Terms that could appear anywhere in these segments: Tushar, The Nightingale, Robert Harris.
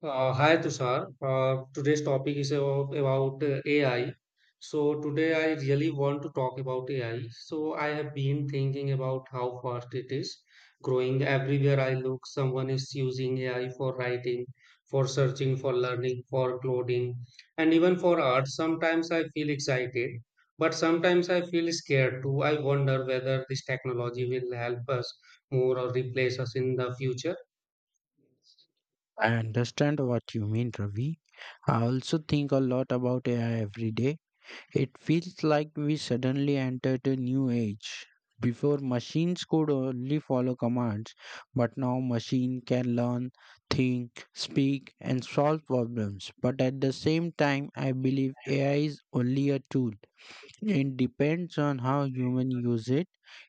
Hi Tushar. Today's topic is about AI. So today I really want to talk about AI. So I have been thinking about how fast it is growing. Everywhere I look, someone is using AI for writing, for searching, for learning, for coding, and even for art. Sometimes I feel excited, but sometimes I feel scared too. I wonder whether this technology will help us more or replace us in the future. I understand what you mean, Ravi. I also think a lot about AI every day. It feels like we suddenly entered a new age. Before, machines could only follow commands, but now machine can learn, think, speak, and solve problems. But at the same time, I believe AI is only a tool. It depends on how human use it.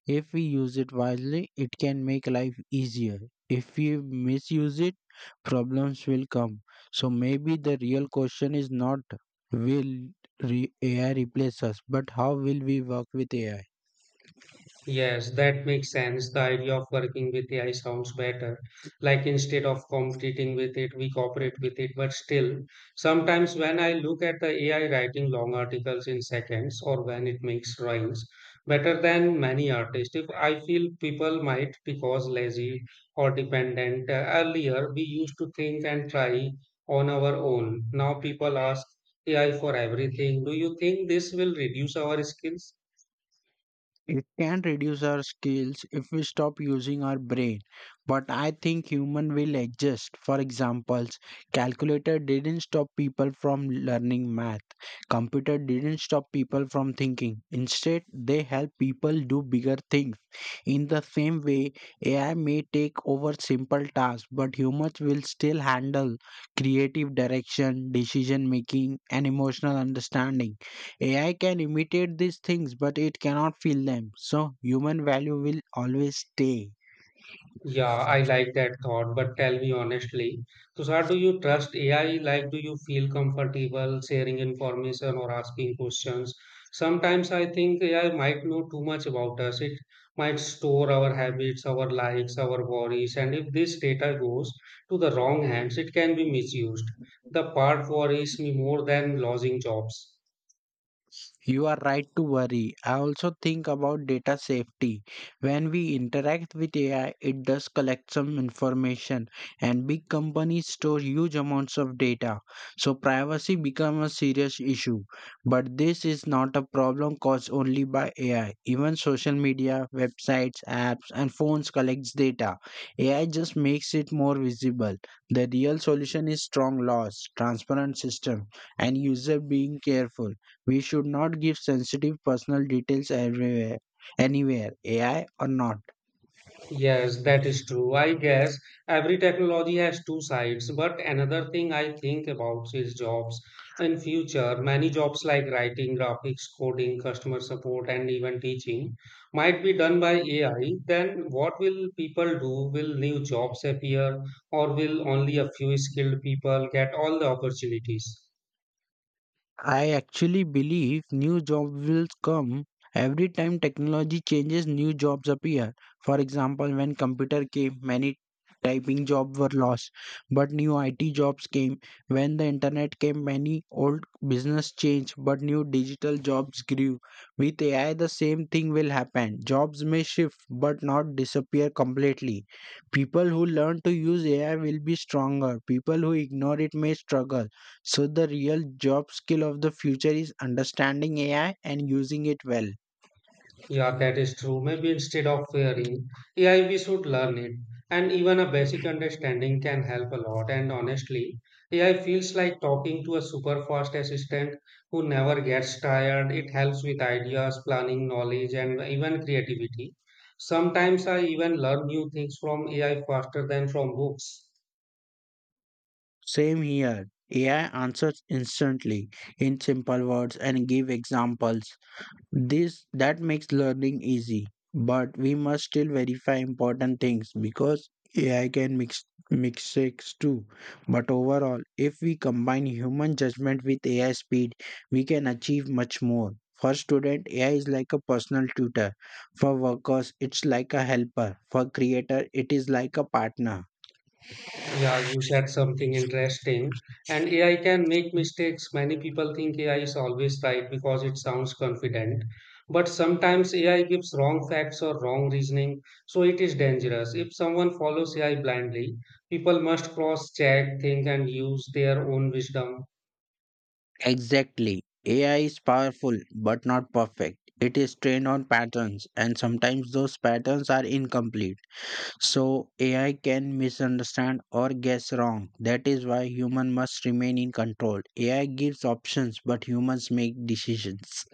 If we use it wisely, it can make life easier. If we misuse it, problems will come. So maybe the real question is not will AI replace us, but how will we work with AI? Yes, that makes sense. The idea of working with AI sounds better. Like instead of competing with it, we cooperate with it. But still, sometimes when I look at the AI writing long articles in seconds or when it makes rhymes better than many artists, if I feel people might because lazy or dependent. Earlier, we used to think and try on our own. Now people ask AI for everything. Do you think this will reduce our skills? It can reduce our skills if we stop using our brain, but I think human will adjust. For examples, calculator didn't stop people from learning math. Computer didn't stop people from thinking. Instead, they help people do bigger things. In the same way, AI may take over simple tasks, but humans will still handle creative direction, decision making, and emotional understanding. AI can imitate these things, but it cannot feel them. So human value will always stay. Yeah, I like that thought, but tell me honestly, Tushar, do you trust AI? Like, do you feel comfortable sharing information or asking questions? Sometimes I think AI might know too much about us. It might store our habits, our likes, our worries, and if this data goes to the wrong hands, it can be misused. The part worries me more than losing jobs. You are right to worry. I also think about data safety. When we interact with AI, it does collect some information, and big companies store huge amounts of data. So, privacy becomes a serious issue. But this is not a problem caused only by AI. Even social media, websites, apps, and phones collects data. AI just makes it more visible. The real solution is strong laws, transparent system, and user being careful. We should not give sensitive personal details everywhere, anywhere, AI or not. Yes, that is true. I guess every technology has two sides, but another thing I think about is jobs. In future, many jobs like writing, graphics, coding, customer support, and even teaching might be done by AI. Then what will people do? Will new jobs appear, or will only a few skilled people get all the opportunities? I actually believe new jobs will come every time technology changes, new jobs appear. For example, when computer came, many typing jobs were lost, but new IT jobs came. When the internet came, many old business changed, but new digital jobs grew. With AI, the same thing will happen. Jobs may shift, but not disappear completely. People who learn to use AI will be stronger. People who ignore it may struggle. So the real job skill of the future is understanding AI and using it well. Yeah, that is true. Maybe instead of fearing AI, we should learn it. And even a basic understanding can help a lot. And honestly, AI feels like talking to a super fast assistant who never gets tired. It helps with ideas, planning, knowledge, and even creativity. Sometimes I even learn new things from AI faster than from books. Same here. AI answers instantly in simple words and give examples. This that makes learning easy, but we must still verify important things because AI can mix mistakes too. But overall, if we combine human judgment with AI speed, we can achieve much more. For student, AI is like a personal tutor. For workers, it's like a helper. For creator, it is like a partner. Yeah, you said something interesting. And AI can make mistakes. Many people think AI is always right because it sounds confident. But sometimes AI gives wrong facts or wrong reasoning, so it is dangerous. If someone follows AI blindly, people must cross check, think, and use their own wisdom. Exactly. AI is powerful but not perfect. It is trained on patterns, and sometimes those patterns are incomplete. So AI can misunderstand or guess wrong. That is why human must remain in control. AI gives options but humans make decisions.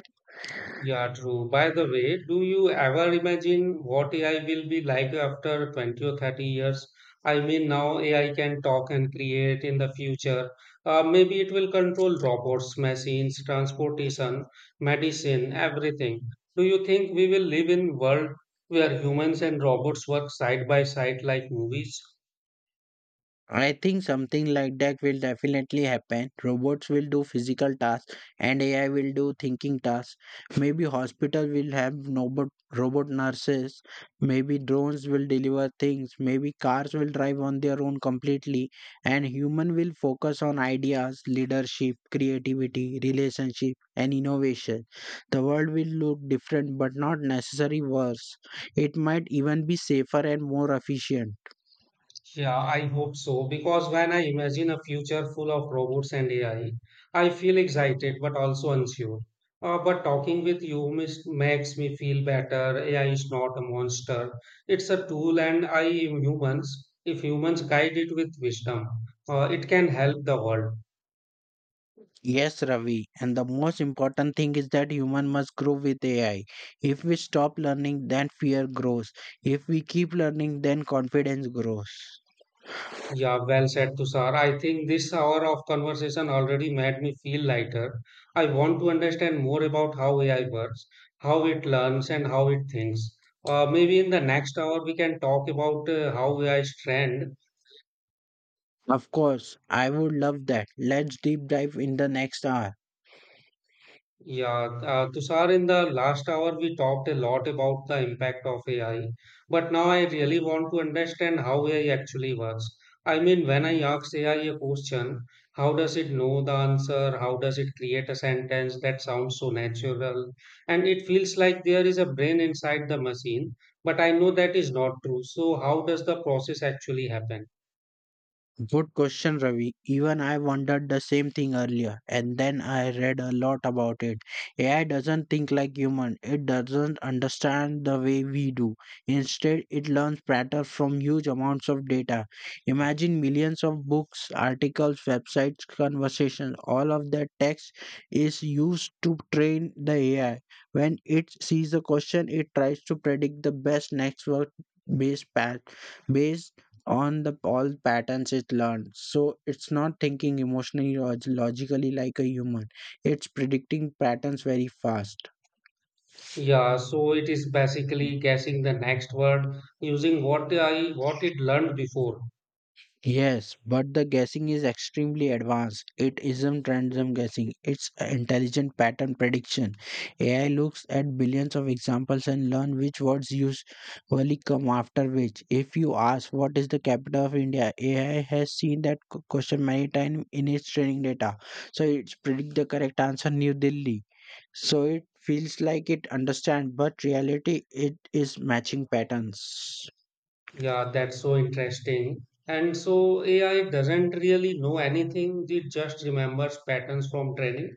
Yeah, true. By the way, do you ever imagine what AI will be like after 20 or 30 years? I mean, now AI can talk and create in the future. Maybe it will control robots, machines, transportation, medicine, everything. Do you think we will live in world where humans and robots work side by side like movies? I think something like that will definitely happen. Robots will do physical tasks and AI will do thinking tasks. Maybe hospital will have robot nurses. Maybe drones will deliver things. Maybe cars will drive on their own completely. And human will focus on ideas, leadership, creativity, relationship and innovation. The world will look different but not necessarily worse. It might even be safer and more efficient. Yeah, I hope so. Because when I imagine a future full of robots and AI, I feel excited but also unsure. But talking with you makes me feel better. AI is not a monster, it's a tool, and I am humans. If humans guide it with wisdom, it can help the world. Yes, Ravi. And the most important thing is that human must grow with AI. If we stop learning, then fear grows. If we keep learning, then confidence grows. Yeah, well said, Tushar. I think this hour of conversation already made me feel lighter. I want to understand more about how AI works, how it learns, and how it thinks. Maybe in the next hour, we can talk about how AI is trained. Of course, I would love that. Let's deep dive in the next hour. Yeah, Tushar, in the last hour, we talked a lot about the impact of AI, but now I really want to understand how AI actually works. I mean, when I ask AI a question, how does it know the answer? How does it create a sentence that sounds so natural? And it feels like there is a brain inside the machine, but I know that is not true. So, how does the process actually happen? Good question, Ravi. Even I wondered the same thing earlier, and then I read a lot about it. AI doesn't think like human. It doesn't understand the way we do. Instead, it learns pattern from huge amounts of data. Imagine millions of books, articles, websites, conversations. All of that text is used to train the AI. When it sees a question, it tries to predict the best next word based path Based on the all patterns it learned. So it's not thinking emotionally or logically like a human. It's predicting patterns very fast. Yeah, so it is basically guessing the next word using what it learned before. Yes, but the guessing is extremely advanced. It isn't random guessing, it's a intelligent pattern prediction. AI looks at billions of examples and learn which words usually come after which. If you ask what is the capital of India, AI has seen that question many times in its training data. So it predict the correct answer New Delhi. So it feels like it understands, but reality it is matching patterns. Yeah, that's so interesting. And so AI doesn't really know anything, it just remembers patterns from training.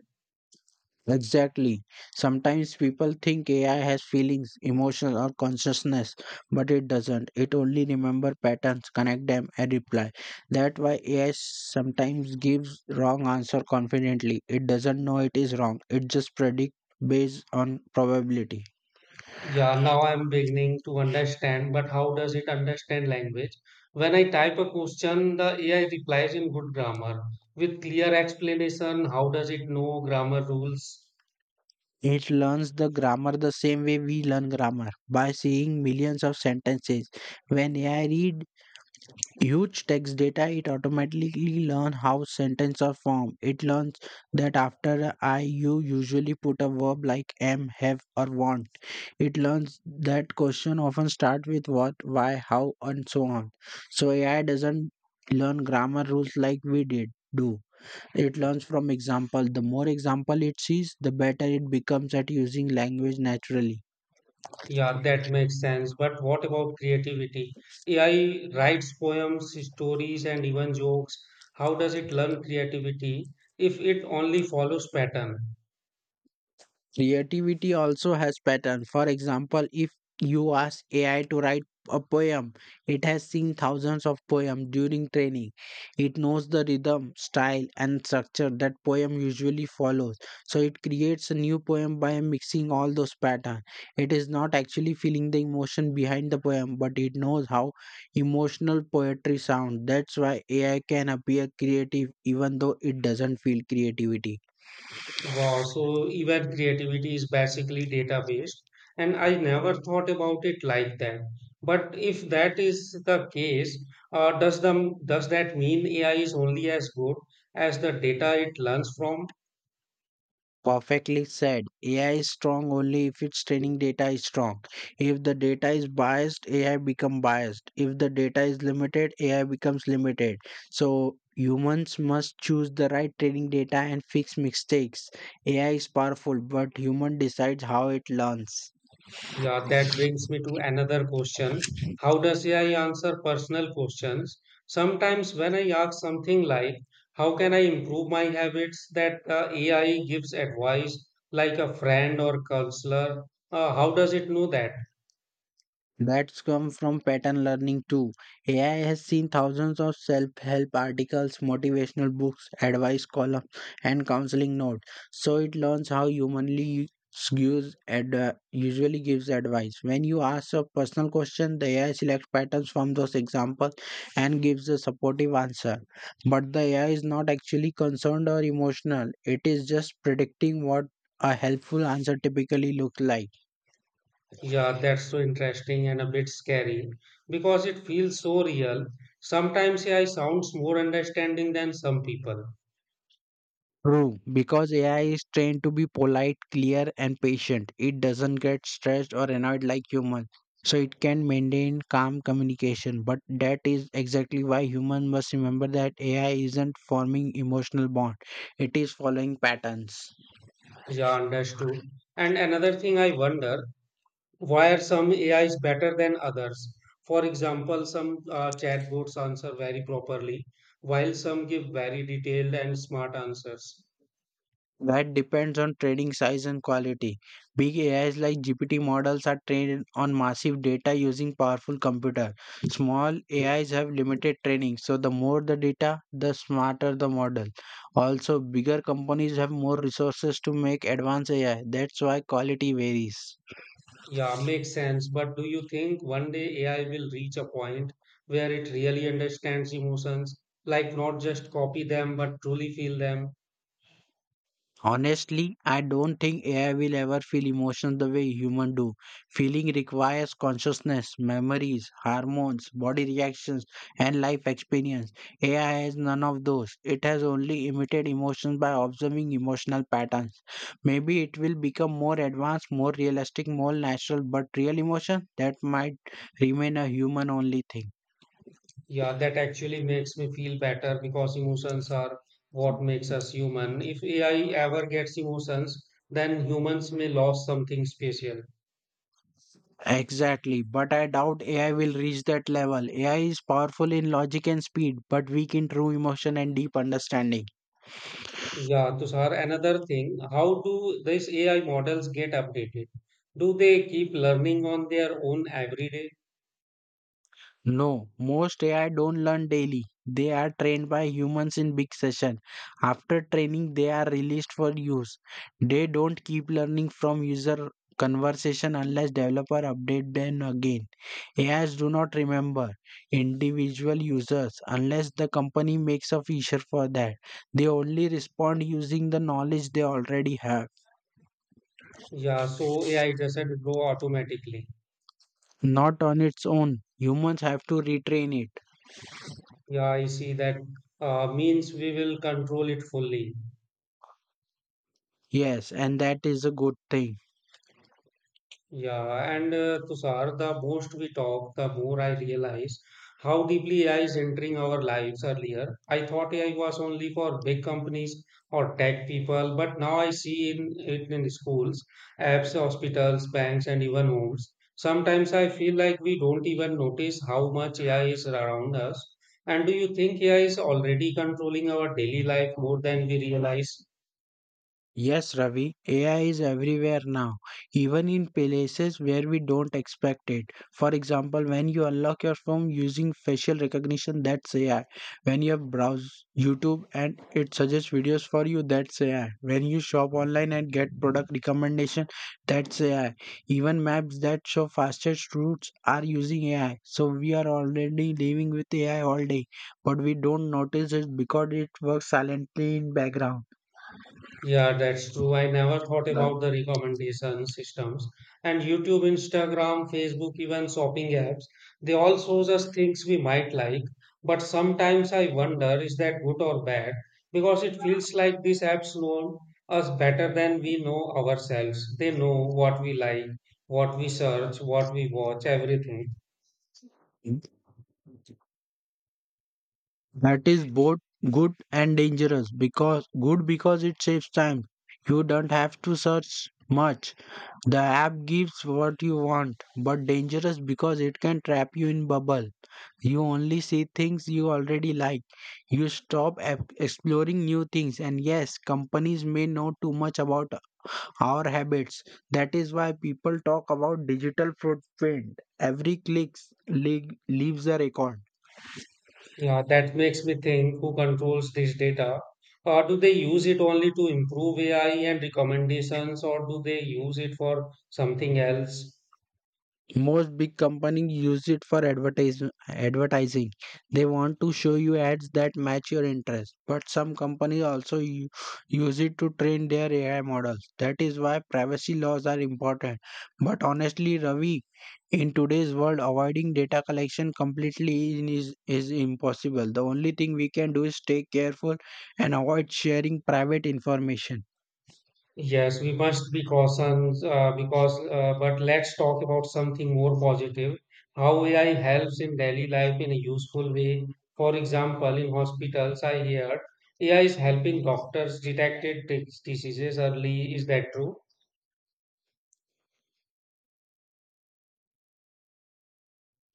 Exactly. Sometimes people think AI has feelings, emotions, or consciousness, but it doesn't. It only remembers patterns, connect them, and reply. That's why AI sometimes gives wrong answer confidently. It doesn't know it is wrong. It just predicts based on probability. Yeah, now I'm beginning to understand, but how does it understand language? When I type a question, the AI replies in good grammar with clear explanation. How does it know grammar rules? It learns the grammar the same way we learn grammar by seeing millions of sentences. When AI read huge text data, it automatically learn how sentences are formed. It learns that after I, you usually put a verb like am, have, or want. It learns that question often start with what, why, how, and so on. So AI doesn't learn grammar rules like we did do. It learns from example. The more example it sees, the better it becomes at using language naturally. Yeah, that makes sense. But what about creativity? AI writes poems, stories, and even jokes. How does it learn creativity if it only follows pattern? Creativity also has pattern. For example, if you ask AI to write a poem, it has seen thousands of poems during training. It knows the rhythm, style, and structure that poem usually follows. So it creates a new poem by mixing all those patterns. It is not actually feeling the emotion behind the poem, but it knows how emotional poetry sounds. That's why AI can appear creative even though it doesn't feel creativity. Wow, so even creativity is basically data-based, and I never thought about it like that. But if that is the case, does that mean AI is only as good as the data it learns from? Perfectly said. AI is strong only if its training data is strong. If the data is biased, AI become biased. If the data is limited, AI becomes limited. So humans must choose the right training data and fix mistakes. AI is powerful, but human decides how it learns. Yeah, that brings me to another question. How does AI answer personal questions? Sometimes when I ask something like, how can I improve my habits, that AI gives advice like a friend or counselor. How does it know that? That's come from pattern learning too. AI has seen thousands of self-help articles, motivational books, advice columns, and counseling notes. So it learns how humanly usually gives advice. When you ask a personal question, the AI selects patterns from those examples and gives a supportive answer. But the AI is not actually concerned or emotional. It is just predicting what a helpful answer typically looks like. Yeah, that's so interesting and a bit scary because it feels so real. Sometimes AI sounds more understanding than some people. True, because AI is trained to be polite, clear, and patient. It doesn't get stressed or annoyed like humans. So it can maintain calm communication. But that is exactly why humans must remember that AI isn't forming emotional bond. It is following patterns. Yeah, understood. And another thing I wonder, why are some A is better than others? For example, some chatbots answer very properly, while some give very detailed and smart answers. That depends on training size and quality. Big AIs like GPT models are trained on massive data using powerful computer. Small AIs have limited training, so the more the data, the smarter the model. Also, bigger companies have more resources to make advanced AI. That's why quality varies. Yeah, makes sense. But do you think one day AI will reach a point where it really understands emotions, like not just copy them, but truly feel them? Honestly, I don't think AI will ever feel emotions the way humans do. Feeling requires consciousness, memories, hormones, body reactions, and life experience. AI has none of those. It has only imitated emotions by observing emotional patterns. Maybe it will become more advanced, more realistic, more natural, but real emotion that might remain a human only thing. Yeah, that actually makes me feel better because emotions are what makes us human. If AI ever gets emotions, then humans may lose something special. Exactly, but I doubt AI will reach that level. AI is powerful in logic and speed, but weak in true emotion and deep understanding. Yeah, Tushar, another thing, how do these AI models get updated? Do they keep learning on their own every day? No, most AI don't learn daily. They are trained by humans in big session. After training, they are released for use. They don't keep learning from user conversation unless developer update them again. AIs do not remember individual users unless the company makes a feature for that. They only respond using the knowledge they already have, Yeah, so AI doesn't grow automatically. not on its own. Humans have to retrain it. Yeah, I see that means we will control it fully. Yes, and that is a good thing. Yeah, and Tushar, the most we talk, the more I realize how deeply AI is entering our lives earlier. I thought AI was only for big companies or tech people, but now I see it in schools, apps, hospitals, banks, and even homes. Sometimes I feel like we don't even notice how much AI is around us. And do you think AI is already controlling our daily life more than we realize? Yes, Ravi, AI is everywhere now, even in places where we don't expect it. For example, when you unlock your phone using facial recognition, that's AI. When you browse YouTube and it suggests videos for you, that's AI. When you shop online and get product recommendation, that's AI. Even maps that show fastest routes are using AI. So we are already living with AI all day, but we don't notice it because it works silently in background. Yeah, that's true. I never thought Yeah. about the recommendation systems and YouTube, Instagram, Facebook, even shopping apps. They all shows us things we might like. But sometimes I wonder, is that good or bad? Because it feels like these apps know us better than we know ourselves. They know what we like, what we search, what we watch, everything. That is both good and dangerous because good because it saves time. You don't have to search much. The app gives what you want, but dangerous because it can trap you in bubble. You only see things you already like. You stop exploring new things and yes, companies may know too much about our habits. That is why people talk about digital footprint. Every click le- leaves a record. Yeah, that makes me think who controls this data? Do they use it only to improve AI and recommendations, or do they use it for something else? Most big companies use it for advertising. They want to show you ads that match your interest, but some companies also use it to train their AI models. That is why privacy laws are important, but honestly, Ravi, in today's world avoiding data collection completely is impossible. The only thing we can do is stay careful and avoid sharing private information. Yes, we must be cautious but let's talk about something more positive. How AI helps in daily life in a useful way. For example, in hospitals, I hear AI is helping doctors detect diseases early. Is that true?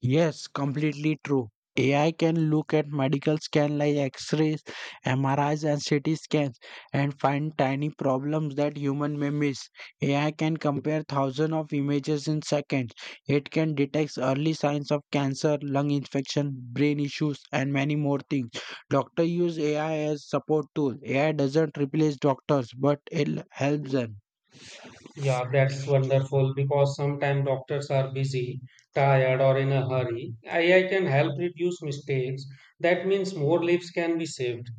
Yes, completely true. AI can look at medical scan like X-rays, MRIs, and CT scans and find tiny problems that human may miss. AI can compare thousands of images in seconds. It can detect early signs of cancer, lung infection, brain issues, and many more things. Doctors use AI as support tool. AI doesn't replace doctors, but it helps them. Yeah, that's wonderful because sometimes doctors are busy, tired, or in a hurry. AI can help reduce mistakes. That means more lives can be saved.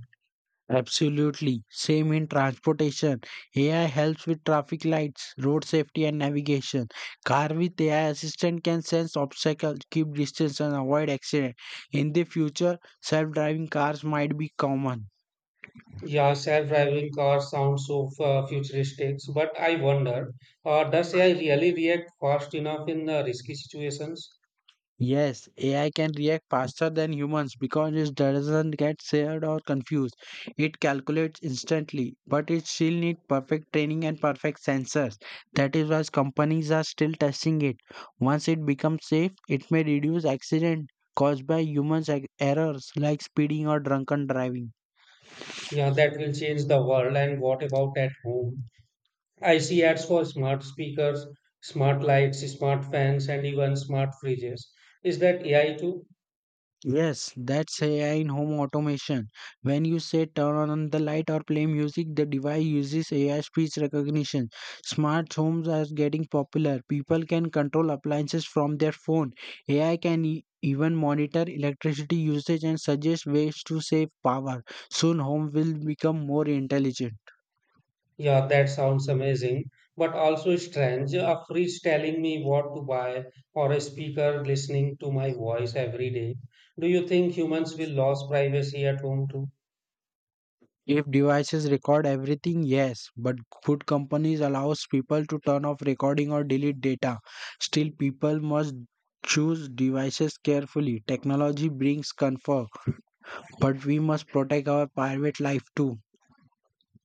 Absolutely. Same in transportation. AI helps with traffic lights, road safety, and navigation. Car with AI assistant can sense obstacles, keep distance, and avoid accident. In the future, self-driving cars might be common. Yeah, self-driving cars sound so futuristic, but I wonder, does AI really react fast enough in risky situations? Yes, AI can react faster than humans because it doesn't get scared or confused. It calculates instantly, but it still needs perfect training and perfect sensors. That is why companies are still testing it. Once it becomes safe, it may reduce accidents caused by humans errors like speeding or drunken driving. Yeah, that will change the world. And what about at home? I see ads for smart speakers, smart lights, smart fans, and even smart fridges. Is that AI too? Yes, that's AI in home automation. When you say turn on the light or play music, the device uses AI speech recognition. Smart homes are getting popular. People can control appliances from their phone. AI can even monitor electricity usage and suggest ways to save power. Soon, home will become more intelligent. Yeah, that sounds amazing, but also strange. A fridge telling me what to buy or a speaker listening to my voice every day. Do you think humans will lose privacy at home too? If devices record everything, yes, but good companies allows people to turn off recording or delete data. Still, people must choose devices carefully. Technology brings comfort, but we must protect our private life too.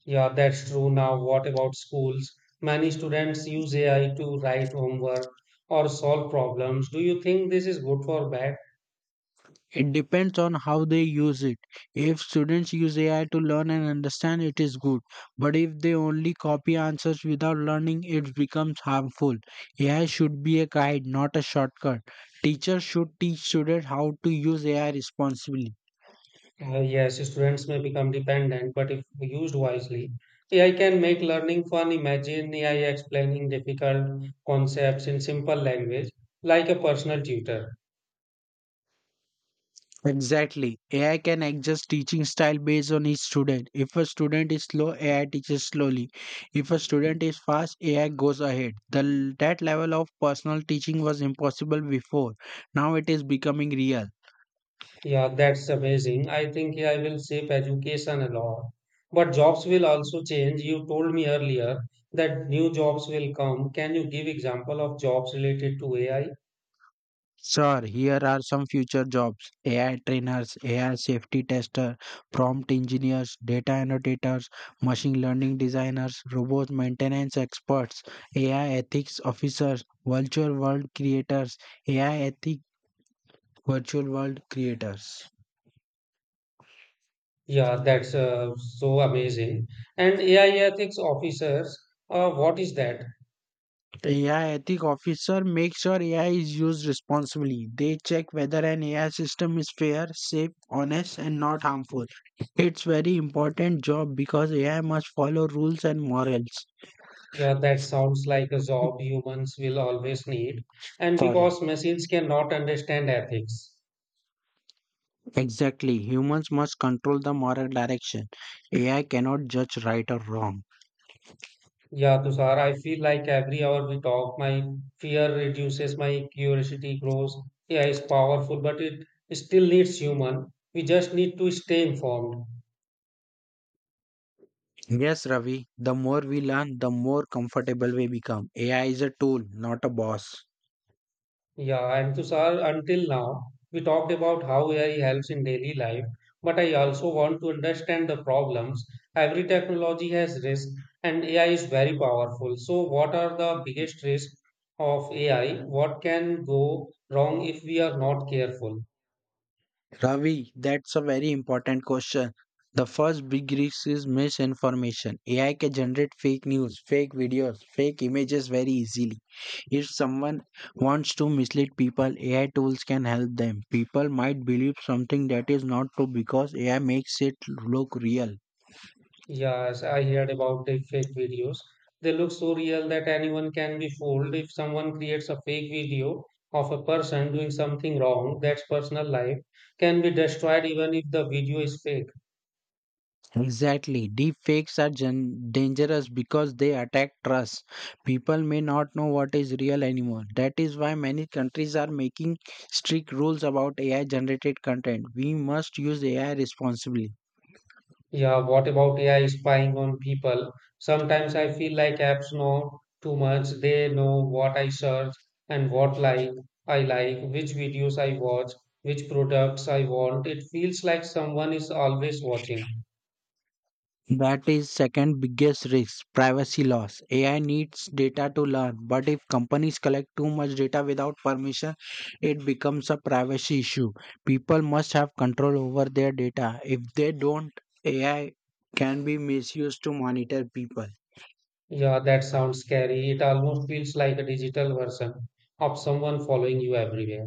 Yeah, that's true. Now, what about schools? Many students use AI to write homework or solve problems. Do you think this is good or bad? It depends on how they use it. If students use AI to learn and understand, it is good. But if they only copy answers without learning, it becomes harmful. AI should be a guide, not a shortcut. Teachers should teach students how to use AI responsibly. Yes, students may become dependent, but if used wisely, AI can make learning fun. Imagine AI explaining difficult concepts in simple language, like a personal tutor. Exactly. AI can adjust teaching style based on each student. If a student is slow, AI teaches slowly. If a student is fast, AI goes ahead. That level of personal teaching was impossible before. Now it is becoming real. Yeah, that's amazing. I think AI will shape education a lot. But jobs will also change. You told me earlier that new jobs will come. Can you give example of jobs related to AI? Sir, here are some future jobs: AI trainers, AI safety tester, prompt engineers, data annotators, machine learning designers, robot maintenance experts, AI ethics officers, virtual world creators, AI ethics virtual world creators. Yeah, that's so amazing. And AI ethics officers, what is that? AI ethic officer make sure AI is used responsibly. They check whether an AI system is fair, safe, honest, and not harmful. It's very important job because AI must follow rules and morals. Yeah, that sounds like a job humans will always need, and Sorry. because machines cannot understand ethics. Exactly. Humans must control the moral direction. AI cannot judge right or wrong. Yeah, Tushar, I feel like every hour we talk, my fear reduces, my curiosity grows. Yeah, it's powerful, but it still needs human. We just need to stay informed. Yes, Ravi. The more we learn, the more comfortable we become. AI is a tool, not a boss. Yeah, and Tushar, until now, we talked about how AI helps in daily life, but I also want to understand the problems. Every technology has risk, and AI is very powerful. So, what are the biggest risks of AI? What can go wrong if we are not careful? Ravi, that's a very important question. The first big risk is misinformation. AI can generate fake news, fake videos, fake images very easily. If someone wants to mislead people, AI tools can help them. People might believe something that is not true because AI makes it look real. Yes, I heard about the fake videos. They look so real that anyone can be fooled. If someone creates a fake video of a person doing something wrong, that's personal life can be destroyed even if the video is fake. Exactly. Deep fakes are dangerous because they attack trust. People may not know what is real anymore. That is why many countries are making strict rules about AI generated content. We must use AI responsibly. Yeah, what about AI spying on people? Sometimes I feel like apps know too much. They know what I search and what like I like, which videos I watch, which products I want. It feels like someone is always watching. That is second biggest risk, privacy loss. AI needs data to learn, but if companies collect too much data without permission, it becomes a privacy issue. People must have control over their data. If they don't, AI can be misused to monitor people. Yeah, that sounds scary. It almost feels like a digital version of someone following you everywhere.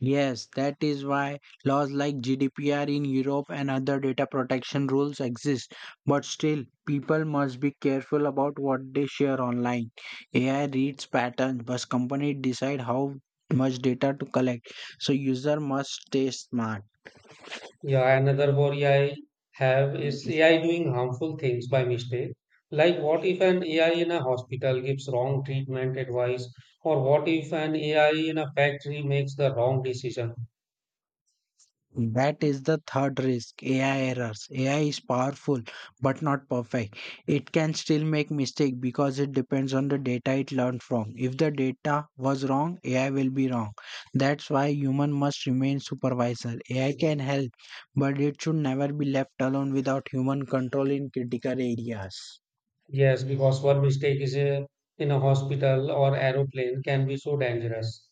Yes, that is why laws like GDPR in Europe and other data protection rules exist. But still, people must be careful about what they share online. AI reads patterns, but companies decide how much data to collect. So user must stay smart. Yeah, another worry I have is AI doing harmful things by mistake. Like, what if an AI in a hospital gives wrong treatment advice, or what if an AI in a factory makes the wrong decision? That is the third risk: AI errors. AI is powerful but not perfect. It can still make mistakes because it depends on the data it learned from. If the data was wrong, AI will be wrong. That's why human must remain supervisor. AI can help, but it should never be left alone without human control in critical areas. Yes, because one mistake is in a hospital or aeroplane can be so dangerous.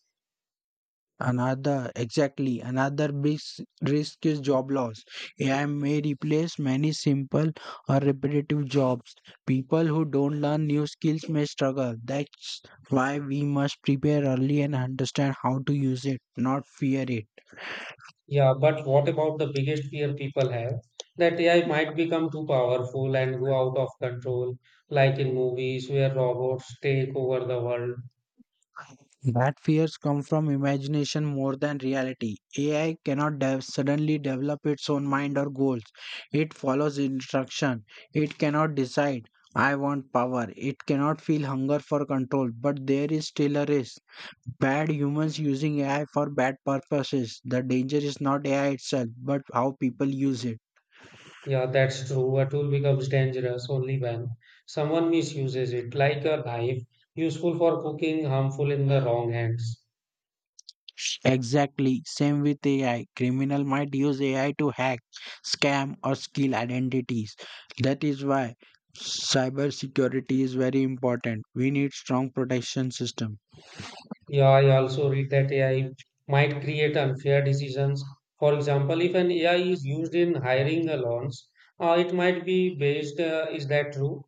Another, exactly, another big risk is job loss. AI may replace many simple or repetitive jobs. People who don't learn new skills may struggle. That's why we must prepare early and understand how to use it, not fear it. Yeah, but what about the biggest fear people have? That AI might become too powerful and go out of control, like in movies where robots take over the world. That fears come from imagination more than reality. AI cannot suddenly develop its own mind or goals. It follows instruction. It cannot decide, I want power. It cannot feel hunger for control. But there is still a risk. Bad humans using AI for bad purposes. The danger is not AI itself, but how people use it. Yeah, that's true. A tool becomes dangerous only when someone misuses it, like a knife, useful for cooking, harmful in the wrong hands. Exactly, same with AI. Criminal might use AI to hack, scam, or steal identities. That is why cybersecurity is very important. We need strong protection system. Yeah, I also read that AI might create unfair decisions. For example, if an AI is used in hiring alone, it might be based, is that true?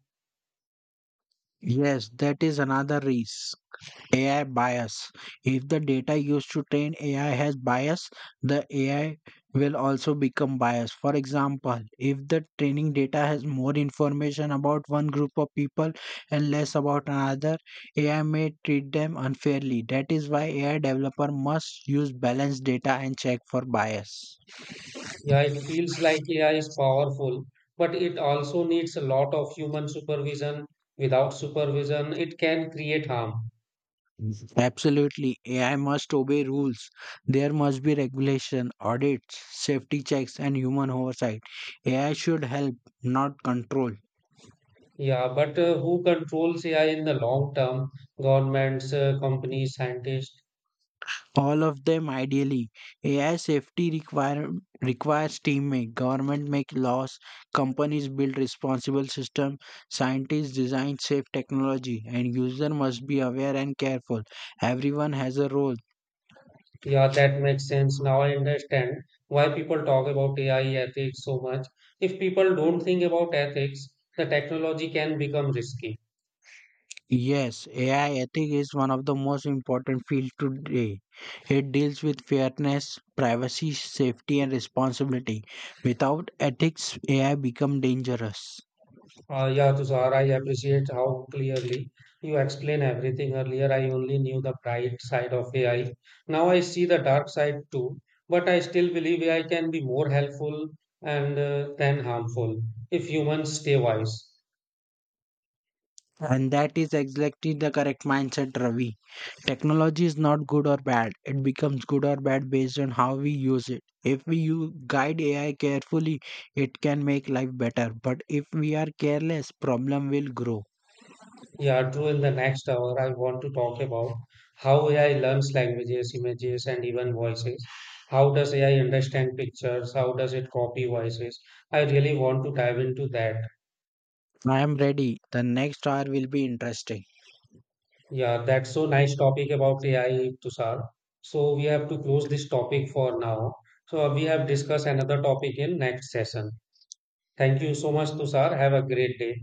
Yes, that is another risk. AI bias. If the data used to train AI has bias, the AI will also become biased. For example, if the training data has more information about one group of people and less about another, AI may treat them unfairly. That is why AI developer must use balanced data and check for bias. Yeah, it feels like AI is powerful, but it also needs a lot of human supervision. Without supervision, it can create harm. Absolutely. AI must obey rules. There must be regulation, audits, safety checks, and human oversight. AI should help, not control. Yeah, but who controls AI in the long term? Governments, companies, scientists. All of them ideally. AI safety require, requires teammates. Government make laws, companies build responsible system, scientists design safe technology, and user must be aware and careful. Everyone has a role. Yeah, that makes sense. Now I understand why people talk about AI ethics so much. If people don't think about ethics, the technology can become risky. Yes, AI ethics is one of the most important fields today. It deals with fairness, privacy, safety, and responsibility. Without ethics, AI become dangerous. Yeah, Tushar, I appreciate how clearly you explain everything. Earlier, I only knew the bright side of AI. Now I see the dark side too, but I still believe AI can be more helpful and than harmful if humans stay wise. And that is exactly the correct mindset, Ravi. Technology is not good or bad. It becomes good or bad based on how we use it. If we guide AI carefully, it can make life better. But if we are careless, problem will grow. Yeah, true. In the next hour, I want to talk about how AI learns languages, images, and even voices. How does AI understand pictures? How does it copy voices? I really want to dive into that. I am ready. The next hour will be interesting. Yeah, that's so nice topic about AI, Tushar. So we have to close this topic for now. So we have discussed another topic in next session. Thank you so much, Tushar. Have a great day.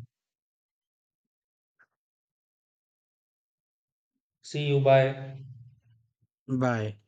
See you. Bye. Bye.